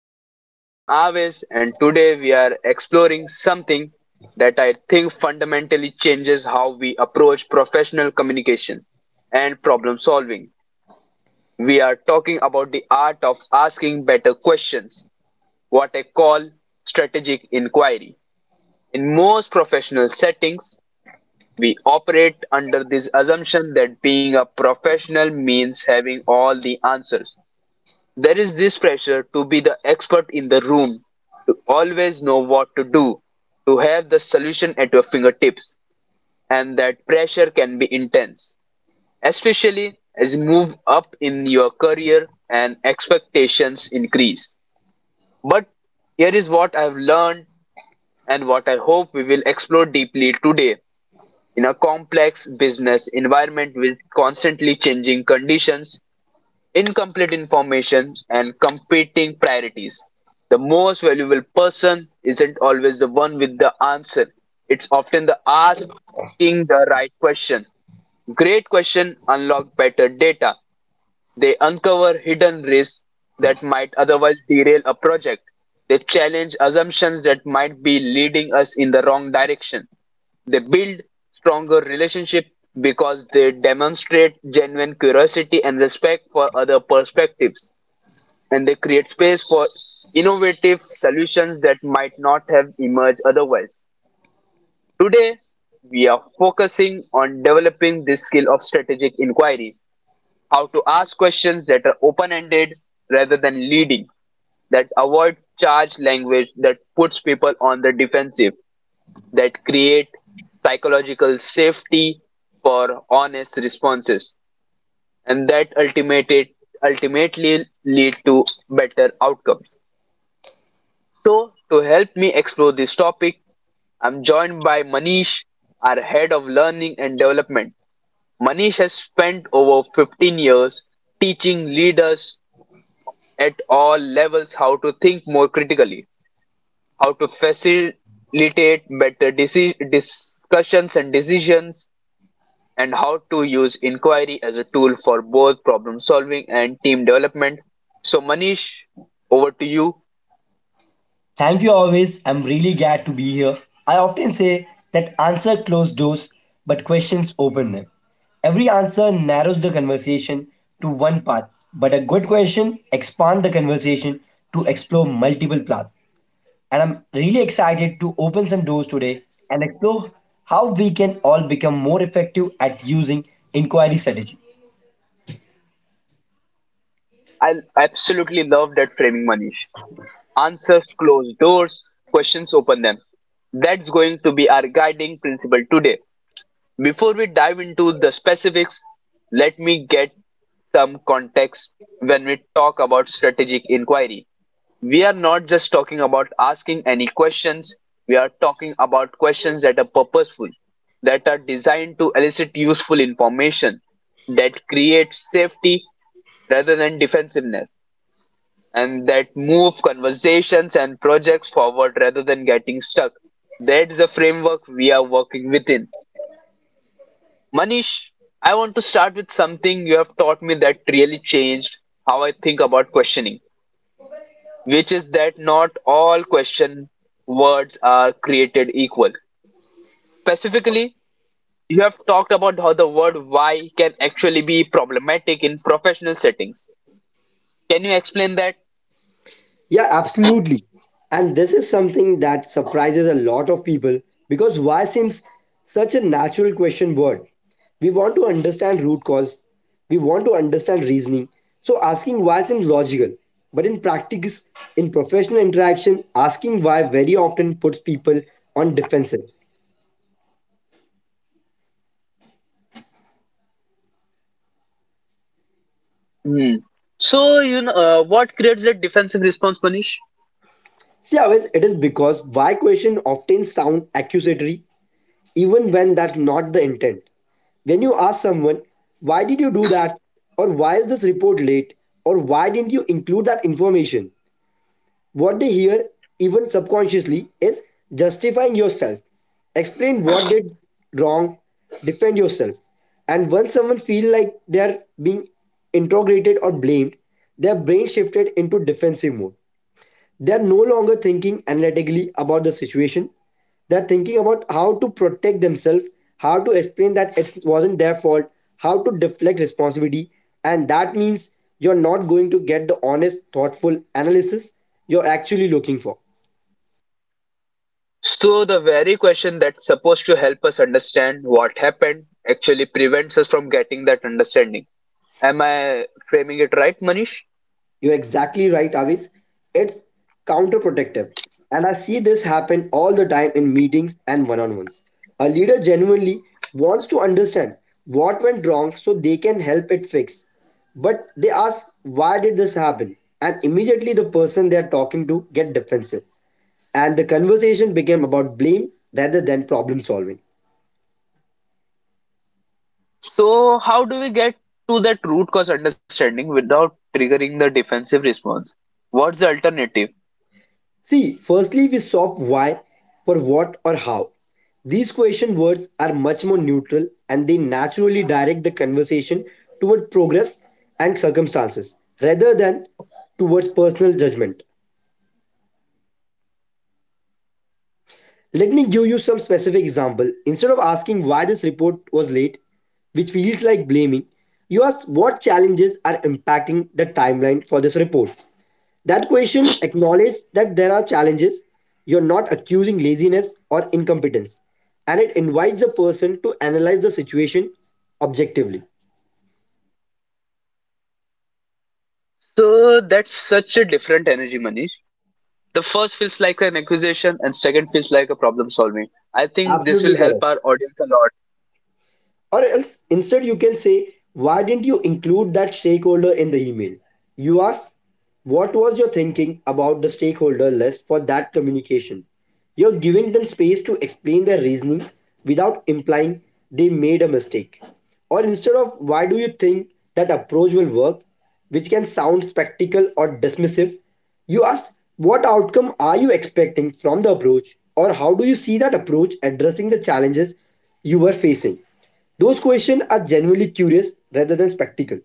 Pulse. I'm Aves and today we are exploring something that I think fundamentally changes how we approach professional communication and problem solving. We are talking about the art of asking better questions, what I call strategic inquiry. In most professional settings, we operate under this assumption that being a professional means having all the answers. There is this pressure to be the expert in the room, to always know what to do, to have the solution at your fingertips, and that pressure can be intense, especially as you move up in your career and expectations increase. But here is what I've learned and what I hope we will explore deeply today, in a complex business environment with constantly changing conditions, incomplete information and competing priorities. The most valuable person isn't always the one with the answer. It's often the asking the right question. Great question unlock better data. They uncover hidden risks that might otherwise derail a project. They challenge assumptions that might be leading us in the wrong direction. They build stronger relationships because they demonstrate genuine curiosity and respect for other perspectives, and they create space for innovative solutions that might not have emerged otherwise. Today, we are focusing on developing this skill of strategic inquiry, how to ask questions that are open ended rather than leading, that avoid charged language that puts people on the defensive, that create psychological safety for honest responses, and that ultimately lead to better outcomes. So, to help me explore this topic, I'm joined by Manish, our head of learning and development. Manish has spent over 15 years teaching leaders at all levels how to think more critically, how to facilitate better discussions and decisions, and how to use inquiry as a tool for both problem solving and team development. So, Manish, over to you. Thank you always. I'm really glad to be here. I often say that answer close doors, but questions open them. Every answer narrows the conversation to one path, but a good question expands the conversation to explore multiple paths. And I'm really excited to open some doors today and explore how we can all become more effective at using inquiry strategy. I absolutely love that framing, Manish. Answers close doors, questions open them. That's going to be our guiding principle today. Before we dive into the specifics, let me get some context. When we talk about strategic inquiry, we are not just talking about asking any questions, we are talking about questions that are purposeful, that are designed to elicit useful information, that create safety rather than defensiveness, and that move conversations and projects forward rather than getting stuck. That is the framework we are working within. Manish, I want to start with something you have taught me that really changed how I think about questioning, which is that not all question words are created equal. Specifically, you have talked about how the word why can actually be problematic in professional settings. Can you explain that? Yeah, absolutely. And this is something that surprises a lot of people because why seems such a natural question word. We want to understand root cause, we want to understand reasoning. So asking why seems logical. But in practice, in professional interaction, asking why very often puts people on defensive. Hmm. So, what creates that defensive response, Manish? See, always it is because why question often sound accusatory even when that's not the intent. When you ask someone, why did you do that? Or why is this report late? Or why didn't you include that information? What they hear, even subconsciously, is justifying yourself. Explain what did wrong, defend yourself. And once someone feels like they're being interrogated or blamed, their brain shifted into defensive mode. They are no longer thinking analytically about the situation. They're thinking about how to protect themselves, how to explain that it wasn't their fault, how to deflect responsibility. And that means you're not going to get the honest thoughtful analysis you're actually looking for. So, the very question that's supposed to help us understand what happened actually prevents us from getting that understanding. Am I framing it right, Manish? You're exactly right, Avis. It's counterproductive. And I see this happen all the time in meetings and one on ones. A leader genuinely wants to understand what went wrong so they can help it fix. But they ask, why did this happen? And immediately the person they are talking to get defensive. And the conversation became about blame rather than problem solving. So, how do we get to that root cause understanding without triggering the defensive response? What's the alternative? See, firstly, we swap why for what or how. These question words are much more neutral and they naturally direct the conversation toward progress and circumstances rather than towards personal judgment. Let me give you some specific example. Instead of asking why this report was late, which feels like blaming, you ask what challenges are impacting the timeline for this report. That question acknowledges that there are challenges. You're not accusing laziness or incompetence. And it invites the person to analyze the situation objectively. So, that's such a different energy, Manish. The first feels like an accusation, and second feels like a problem solving. I think this will Absolutely help correct. our audience a lot. Or else, instead, you can say, why didn't you include that stakeholder in the email? You ask, what was your thinking about the stakeholder list for that communication? You're giving them space to explain their reasoning without implying they made a mistake. Or instead of, why do you think that approach will work? Which can sound spectacle or dismissive. You ask, what outcome are you expecting from the approach, or how do you see that approach addressing the challenges you were facing? Those questions are genuinely curious rather than spectacle.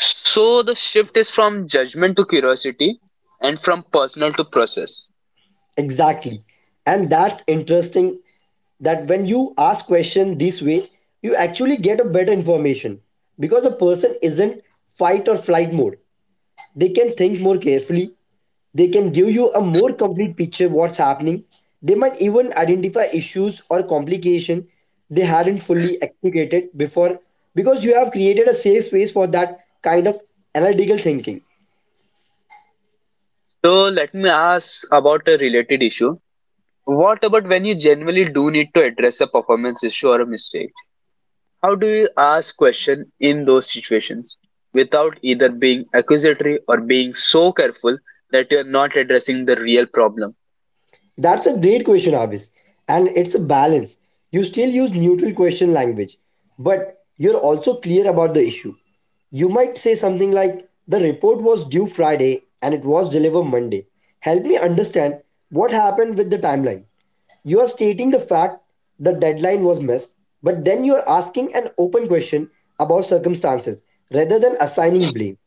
So, the shift is from judgment to curiosity and from personal to process. Exactly. And that's interesting that when you ask question this way, you actually get a better information because the person isn't fight or flight mode. They can think more carefully. They can give you a more complete picture of what's happening. They might even identify issues or complication they hadn't fully explicated before because you have created a safe space for that kind of analytical thinking. So, let me ask about a related issue. What about when you genuinely do need to address a performance issue or a mistake? How do you ask question in those situations without either being accusatory or being so careful that you are not addressing the real problem? That's a great question, Abis. And it's a balance. You still use neutral question language, but you're also clear about the issue. You might say something like, the report was due Friday and it was delivered Monday. Help me understand what happened with the timeline. You are stating the fact the deadline was missed, but then you are asking an open question about circumstances rather than assigning blame.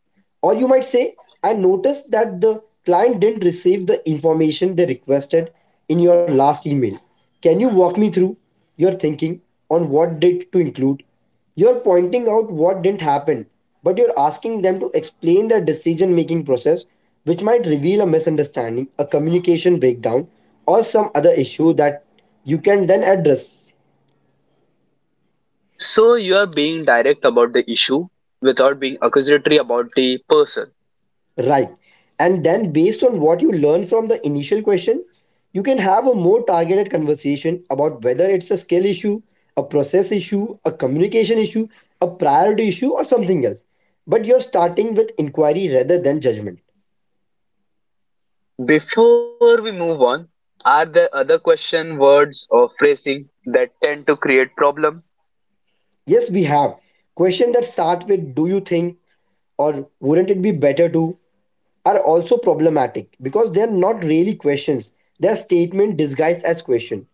Or you might say, I noticed that the client didn't receive the information they requested in your last email. Can you walk me through your thinking on what did to include? You're pointing out what didn't happen, but you're asking them to explain their decision making process, which might reveal a misunderstanding, a communication breakdown, or some other issue that you can then address. So you are being direct about the issue without being accusatory about the person. Right. And then, based on what you learn from the initial question, you can have a more targeted conversation about whether it's a skill issue, a process issue, a communication issue, a priority issue, or something else. But you're starting with inquiry rather than judgment. Before we move on, are there other question words or phrasing that tend to create problem? Yes, we have. Question that start with do you think or wouldn't it be better to are also problematic because they're not really questions. They're statement disguised as question.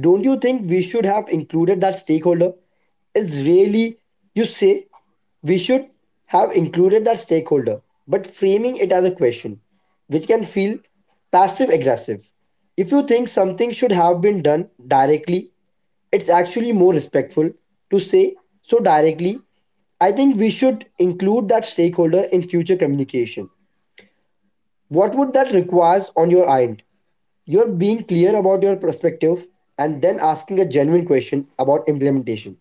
Don't you think we should have included that stakeholder? Is really you say we should have included that stakeholder, but framing it as a question, which can feel passive aggressive. If you think something should have been done directly, it's actually more respectful to say so directly. I think we should include that stakeholder in future communication. What would that requires on your end? You're being clear about your perspective and then asking a genuine question about implementation.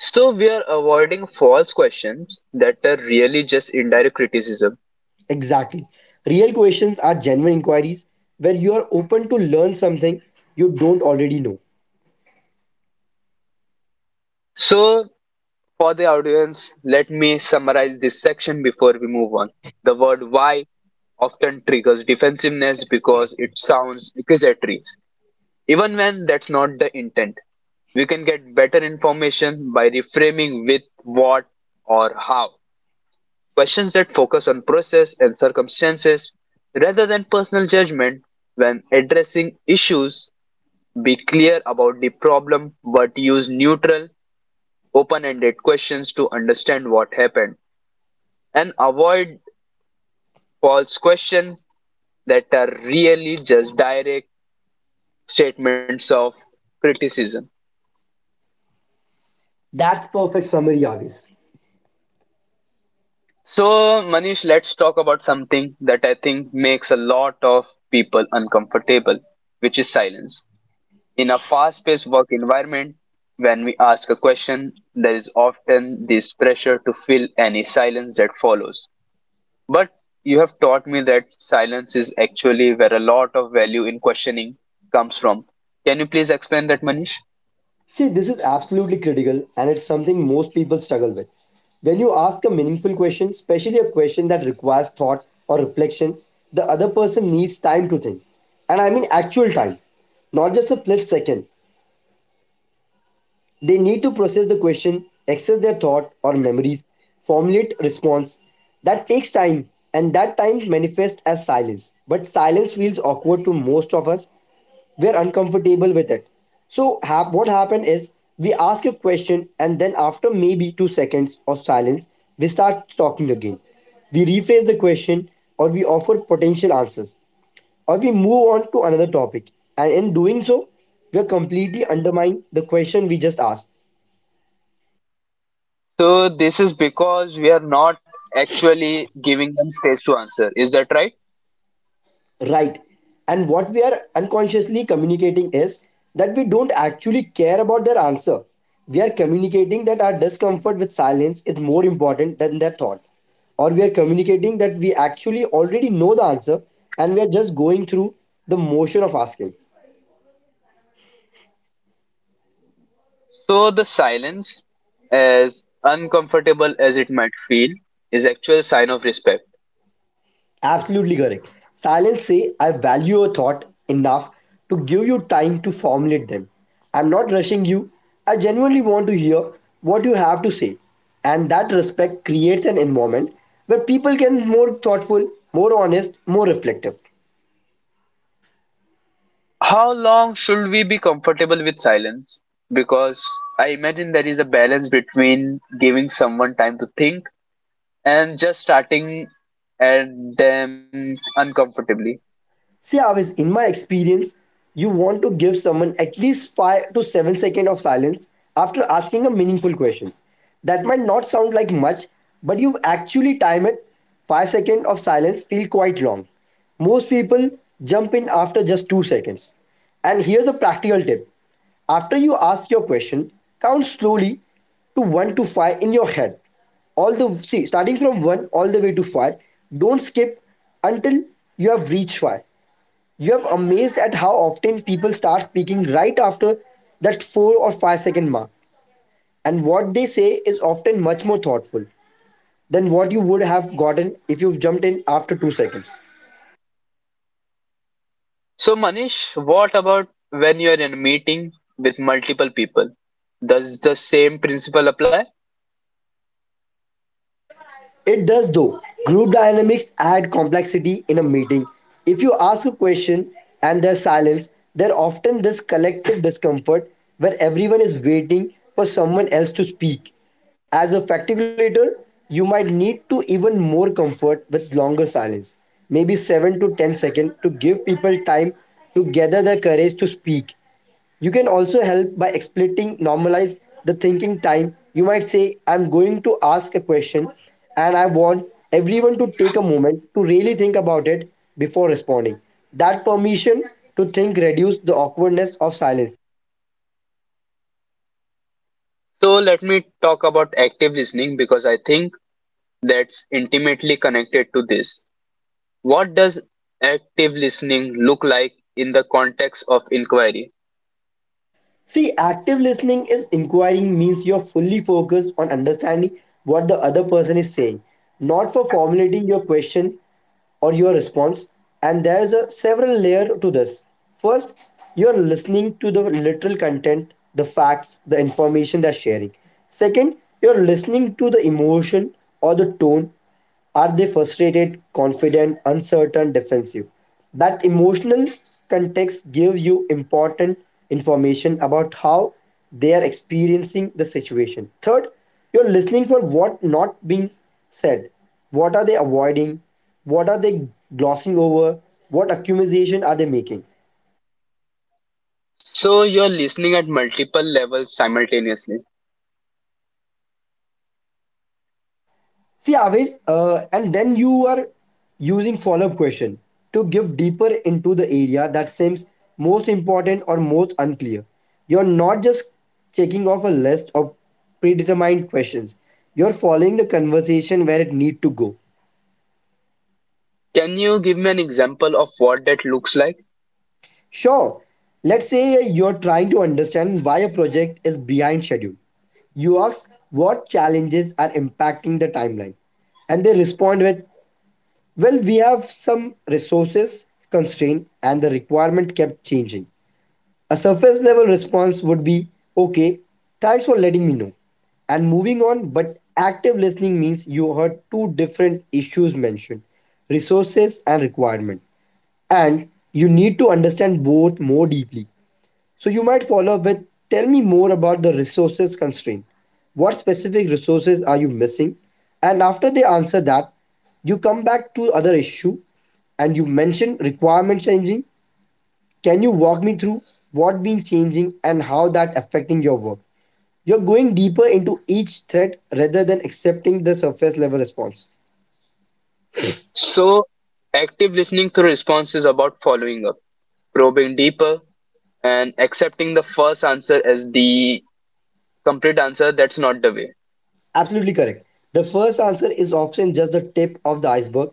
So we are avoiding false questions that are really just indirect criticism. Exactly. Real questions are genuine inquiries where you are open to learn something you don't already know. So, for the audience, let me summarize this section before we move on. The word why often triggers defensiveness because it sounds accusatory, even when that's not the intent. We can get better information by reframing with what or how. Questions that focus on process and circumstances rather than personal judgment when addressing issues. Be clear about the problem but use neutral, open ended questions to understand what happened, and avoid false questions that are really just direct statements of criticism. That's perfect summary, Avis. So, Manish, let's talk about something that I think makes a lot of people uncomfortable, which is silence. In a fast paced work environment, when we ask a question, there is often this pressure to fill any silence that follows. But you have taught me that silence is actually where a lot of value in questioning comes from. Can you please explain that, Manish? See, this is absolutely critical and it's something most people struggle with. When you ask a meaningful question, especially a question that requires thought or reflection, the other person needs time to think. And I mean actual time, not just a split second. They need to process the question, access their thought or memories, formulate response. That takes time, and that time manifests as silence. But silence feels awkward to most of us. We're uncomfortable with it. So what happened is we ask a question, and then after maybe 2 seconds of silence, we start talking again. We rephrase the question, or we offer potential answers, or we move on to another topic. And in doing so, we are completely undermining the question we just asked. So this is because we are not actually giving them space to answer. Is that right? Right. And what we are unconsciously communicating is that we don't actually care about their answer. We are communicating that our discomfort with silence is more important than their thought. Or we are communicating that we actually already know the answer and we are just going through the motion of asking. So the silence, as uncomfortable as it might feel, is actually a sign of respect. Absolutely correct. Silence say I value a thought enough to give you time to formulate them. I'm not rushing you. I genuinely want to hear what you have to say. And that respect creates an environment where people can more thoughtful, more honest, more reflective. How long should we be comfortable with silence? Because I imagine there is a balance between giving someone time to think and just starting at them uncomfortably. See, Avis, in my experience, you want to give someone at least 5 to 7 seconds of silence after asking a meaningful question. That might not sound like much, but you actually time it. 5 seconds of silence feel quite long. Most people jump in after just 2 seconds. And here's a practical tip. After you ask your question, count slowly to 1 to 5 in your head. All the see starting from 1 all the way to 5. Don't skip until you have reached 5. You have amazed at how often people start speaking right after that 4 or 5-second mark, and what they say is often much more thoughtful than what you would have gotten if you jumped in after 2 seconds. So, Manish, what about when you are in a meeting with multiple people? Does the same principle apply? It does though. Group dynamics add complexity in a meeting. If you ask a question and there's silence, there's often this collective discomfort where everyone is waiting for someone else to speak. As a facilitator, you might need to even more comfort with longer silence, maybe 7 to 10 seconds to give people time to gather the courage to speak. You can also help by exploiting normalize the thinking time. You might say, I'm going to ask a question and I want everyone to take a moment to really think about it before responding. That permission to think reduces the awkwardness of silence. So, let me talk about active listening because I think that's intimately connected to this. What does active listening look like in the context of inquiry? See, active listening is inquiring means you're fully focused on understanding what the other person is saying, not for formulating your question or your response. And there's a several layer to this. First, you're listening to the literal content, the facts, the information they're sharing. Second, you're listening to the emotion or the tone. Are they frustrated, confident, uncertain, defensive? That emotional context gives you important information about how they are experiencing the situation. Third, you're listening for what not being said. What are they avoiding? What are they glossing over? What accusation are they making? So, you're listening at multiple levels simultaneously. See, Avis, and then you are using follow-up question to give deeper into the area that seems most important or most unclear. You're not just checking off a list of predetermined questions. You're following the conversation where it need to go. Can you give me an example of what that looks like? Sure, let's say you're trying to understand why a project is behind schedule. You ask what challenges are impacting the timeline, and they respond with, well, we have some resources constraint and the requirement kept changing. A surface level response would be, okay, thanks for letting me know, and moving on. But active listening means you heard two different issues mentioned resources and requirement, and you need to understand both more deeply. So you might follow up with, tell me more about the resources constraint. What specific resources are you missing? And after they answer that, you come back to other issue and you mention requirement changing. Can you walk me through what been changing and how that affecting your work? You're going deeper into each thread rather than accepting the surface level response. So, active listening through response is about following up, probing deeper, and accepting the first answer as the complete answer, that's not the way. Absolutely correct. The first answer is often just the tip of the iceberg.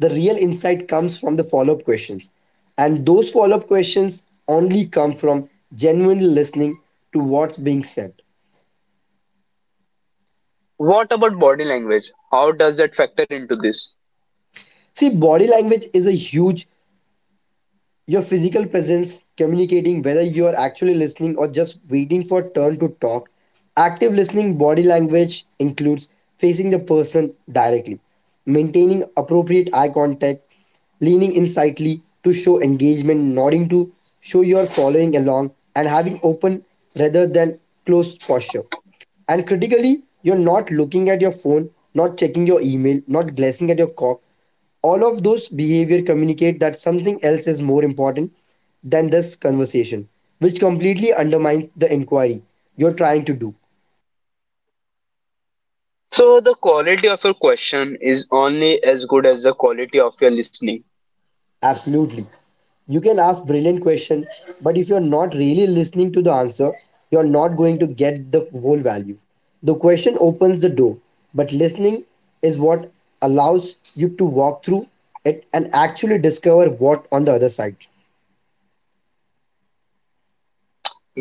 The real insight comes from the follow up questions. And those follow up questions only come from genuinely listening to what's being said. What about body language? How does that factor into this? See, body language is a huge. Your physical presence, communicating whether you are actually listening or just waiting for turn to talk. Active listening body language includes facing the person directly, maintaining appropriate eye contact, leaning insightly to show engagement, nodding to show you are following along, and having open rather than closed posture. And critically, you're not looking at your phone, not checking your email, not glancing at your cock. All of those behavior communicate that something else is more important than this conversation, which completely undermines the inquiry you're trying to do. So the quality of your question is only as good as the quality of your listening. Absolutely. You can ask brilliant question, but if you're not really listening to the answer, you're not going to get the whole value. The question opens the door, but listening is what allows you to walk through it and actually discover what on the other side.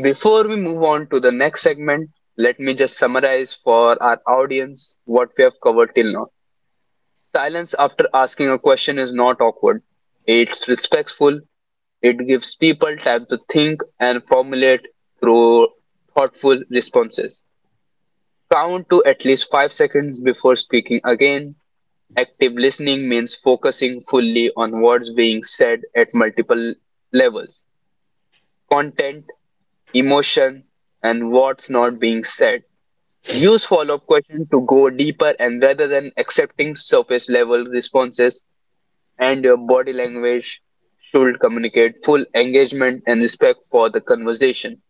Before we move on to the next segment, let me just summarize for our audience what we have covered till now. Silence after asking a question is not awkward, it's respectful. It gives people time to think and formulate through thoughtful responses. Count to at least 5 seconds before speaking again. Active listening means focusing fully on what's being said at multiple levels: content, emotion, and what's not being said. Use follow up questions to go deeper and rather than accepting surface level responses, and your body language should communicate full engagement and respect for the conversation.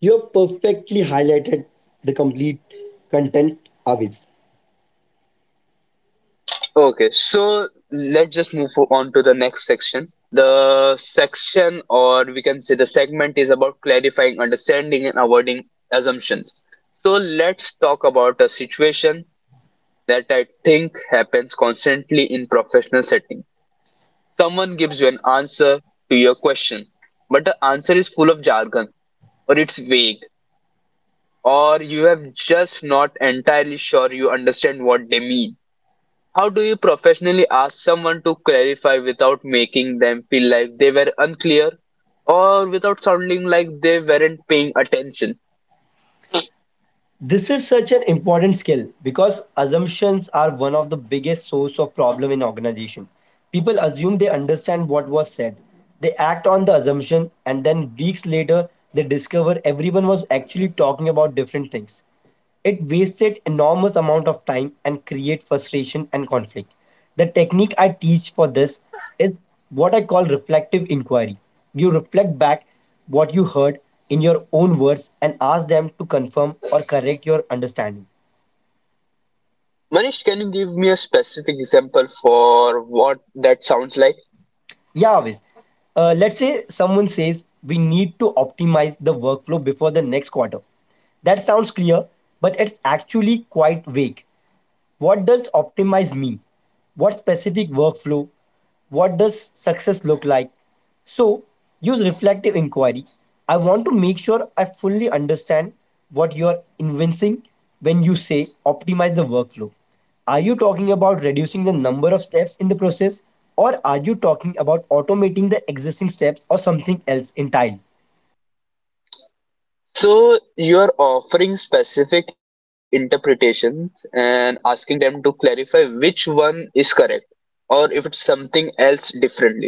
You have perfectly highlighted the complete content of it. Okay, so let's just move on to the next section. The section, or we can say the segment, is about clarifying, understanding, and avoiding assumptions. So let's talk about a situation that I think happens constantly in professional setting. Someone gives you an answer to your question, but the answer is full of jargon, or it's vague, or you have just not entirely sure you understand what they mean. How do you professionally ask someone to clarify without making them feel like they were unclear or without sounding like they weren't paying attention? This is such an important skill because assumptions are one of the biggest source of problem in organization. People assume they understand what was said. They act on the assumption and then weeks later they discover everyone was actually talking about different things. It wasted enormous amount of time and create frustration and conflict. The technique I teach for this is what I call reflective inquiry. You reflect back what you heard in your own words and ask them to confirm or correct your understanding. Manish, can you give me a specific example for what that sounds like? Yeah, always. Let's say someone says we need to optimize the workflow before the next quarter. That sounds clear, but it's actually quite vague. What does optimize mean? What specific workflow? What does success look like? So, use reflective inquiry. I want to make sure I fully understand what you are invincing when you say optimize the workflow. Are you talking about reducing the number of steps in the process, or are you talking about automating the existing steps or something else entirely? So, you're offering specific interpretations and asking them to clarify which one is correct or if it's something else differently.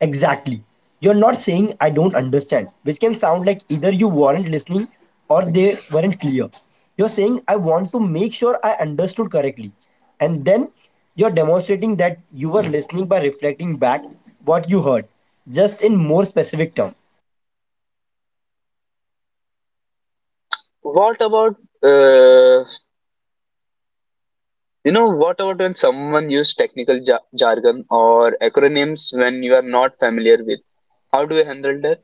Exactly. You're not saying I don't understand, which can sound like either you weren't listening or they weren't clear. You're saying I want to make sure I understood correctly. And then you're demonstrating that you were listening by reflecting back what you heard, just in more specific terms. What about uh, you know, what about when someone use technical ja jargon or acronyms when you are not familiar with? How do you handle that?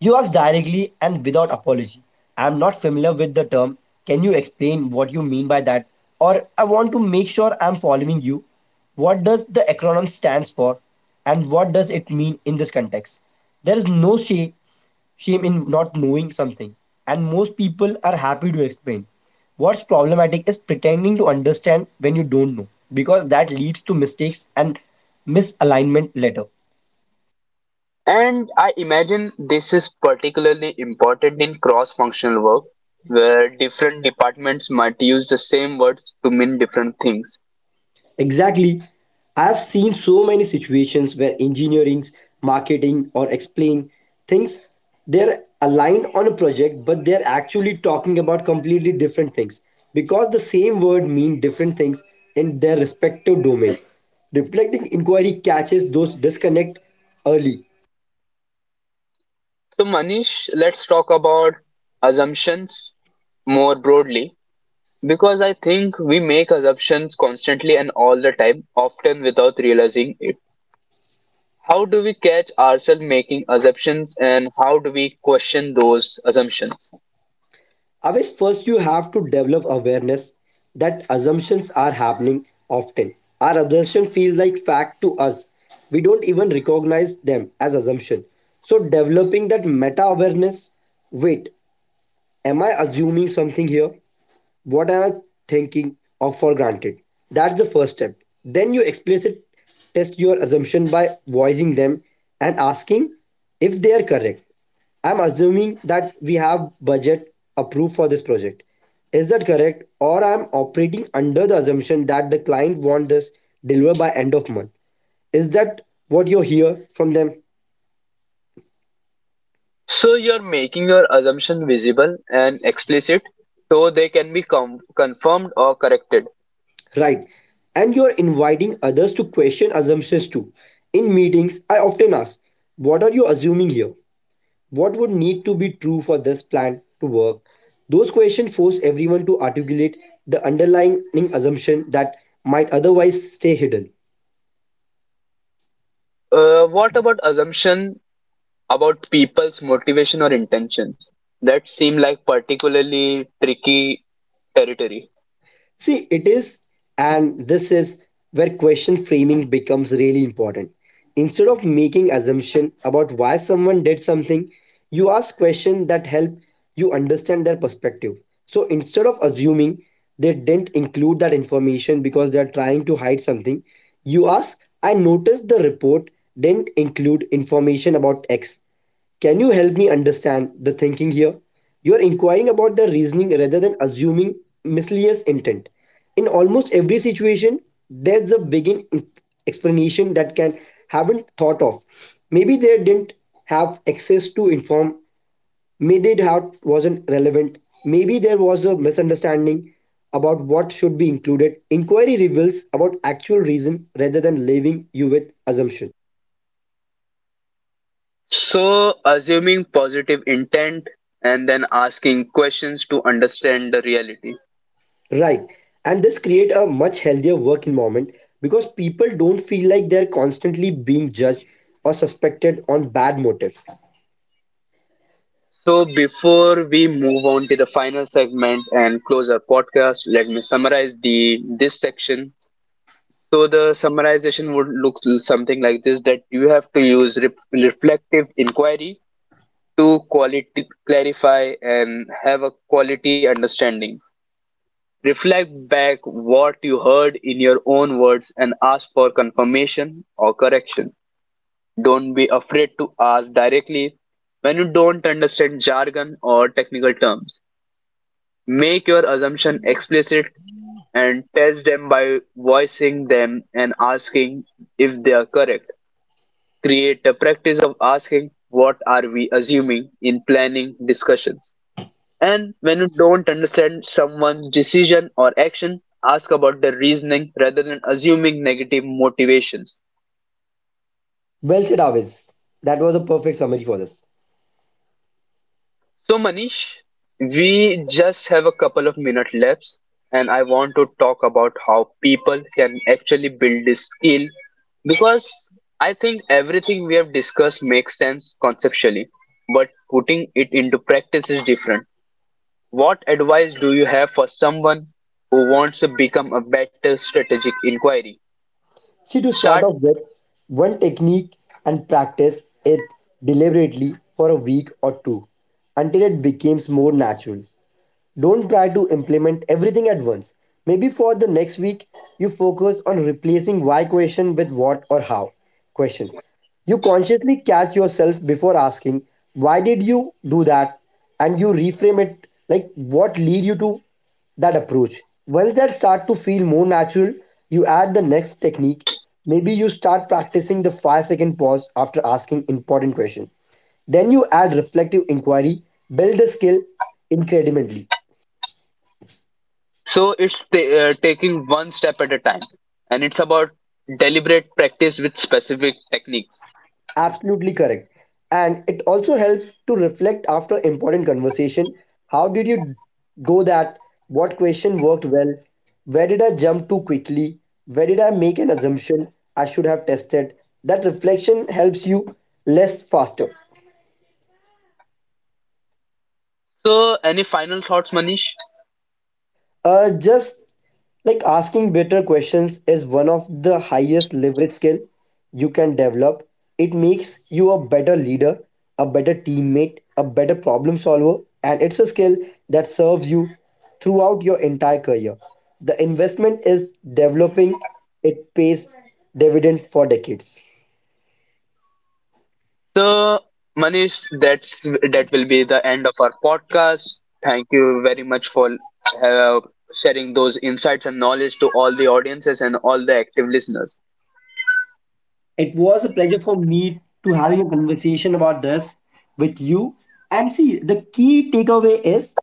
You asked directly and without apology. I am not familiar with the term. Can you explain what you mean by that? Or I want to make sure I am following you. What does the acronym stands for and what does it mean in this context? There is no shame in not knowing something and most people are happy to explain. What's problematic is pretending to understand when you don't know because that leads to mistakes and misalignment later. And I imagine this is particularly important in cross-functional work, where different departments might use the same words to mean different things. Exactly. I have seen so many situations where engineering, marketing, or explain things they're aligned on a project, but they're actually talking about completely different things because the same word mean different things in their respective domain. Reflecting inquiry catches those disconnect early. So, Manish, let's talk about assumptions more broadly because I think we make assumptions constantly and all the time, often without realizing it. How do we catch ourselves making assumptions and how do we question those assumptions? Always first you have to develop awareness that assumptions are happening often. Our assumption feels like fact to us. We don't even recognize them as assumption. So developing that meta awareness, wait, am I assuming something here? What am I thinking of for granted? That's the first step. Then you explicit test your assumption by voicing them and asking if they are correct. I'm assuming that we have budget approved for this project. Is that correct? Or I'm operating under the assumption that the client want this delivered by end of month. Is that what you hear from them? So you're making your assumption visible and explicit so they can be confirmed or corrected. Right. And you're inviting others to question assumptions too. In meetings, I often ask, what are you assuming here? What would need to be true for this plan to work? Those questions force everyone to articulate the underlying assumption that might otherwise stay hidden. What about assumption about people's motivation or intentions? That seem like particularly tricky territory. See, it is, and this is where question framing becomes really important. Instead of making assumption about why someone did something, you ask questions that help you understand their perspective. So instead of assuming they didn't include that information because they are trying to hide something, you ask, I noticed the report didn't include information about X. Can you help me understand the thinking here? You are inquiring about the reasoning rather than assuming misleading intent. In almost every situation, there's a begin explanation that can haven't thought of. Maybe they didn't have access to inform. Maybe it had, wasn't relevant. Maybe there was a misunderstanding about what should be included. Inquiry reveals about actual reason rather than leaving you with assumption. So assuming positive intent and then asking questions to understand the reality. Right. And this create a much healthier work environment because people don't feel like they're constantly being judged or suspected on bad motive. So, before we move on to the final segment and close our podcast, let me summarize the this section. So, the summarization would look something like this: that you have to use reflective inquiry to quality clarify and have a quality understanding. Reflect back what you heard in your own words and ask for confirmation or correction. Don't be afraid to ask directly when you don't understand jargon or technical terms. Make your assumption explicit and test them by voicing them and asking if they are correct. Create a practice of asking what are we assuming in planning discussions. And when you don't understand someone's decision or action, ask about the reasoning rather than assuming negative motivations. Well said, Aviz. That was a perfect summary for this. So, Manish, we just have a couple of minutes left, and I want to talk about how people can actually build this skill because I think everything we have discussed makes sense conceptually, but putting it into practice is different. What advice do you have for someone who wants to become a better strategic inquiry? See, to start Start. off with, one technique and practice it deliberately for a week or two until it becomes more natural. Don't try to implement everything at once. Maybe for the next week, you focus on replacing why question with what or how questions. You consciously catch yourself before asking, why did you do that? And you reframe it like what lead you to that approach. Once that start to feel more natural, you add the next technique. Maybe you start practicing the 5-second pause after asking important question. Then you add reflective inquiry, build the skill incrementally. So taking one step at a time, and it's about deliberate practice with specific techniques. Absolutely correct. And it also helps to reflect after important conversation. How did you go that? What question worked well? Where did I jump too quickly? Where did I make an assumption I should have tested? That reflection helps you less faster. So, any final thoughts, Manish? Just like asking better questions is one of the highest leverage skill you can develop. It makes you a better leader, a better teammate, a better problem solver, and it's a skill that serves you throughout your entire career. The investment is developing, it pays dividend for decades. So, Manish, that's that will be the end of our podcast. Thank you very much for uh, sharing those insights and knowledge to all the audiences and all the active listeners. It was a pleasure for me to having a conversation about this with you. And see, the key takeaway is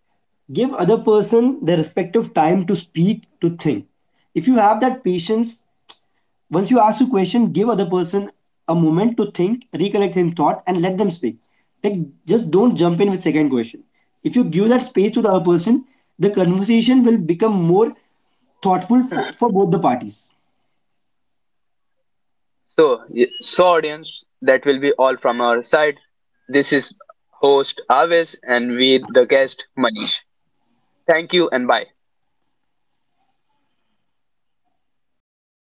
give other person their respective time to speak, to think. If you have that patience, once you ask a question, give other person a moment to think, recollect his thought, and let them speak. Like just don't jump in with second question. If you give that space to the other person, the conversation will become more thoughtful for both the parties. So, so audience, that will be all from our side. This is host Aves and we the guest Manish. Thank you and bye.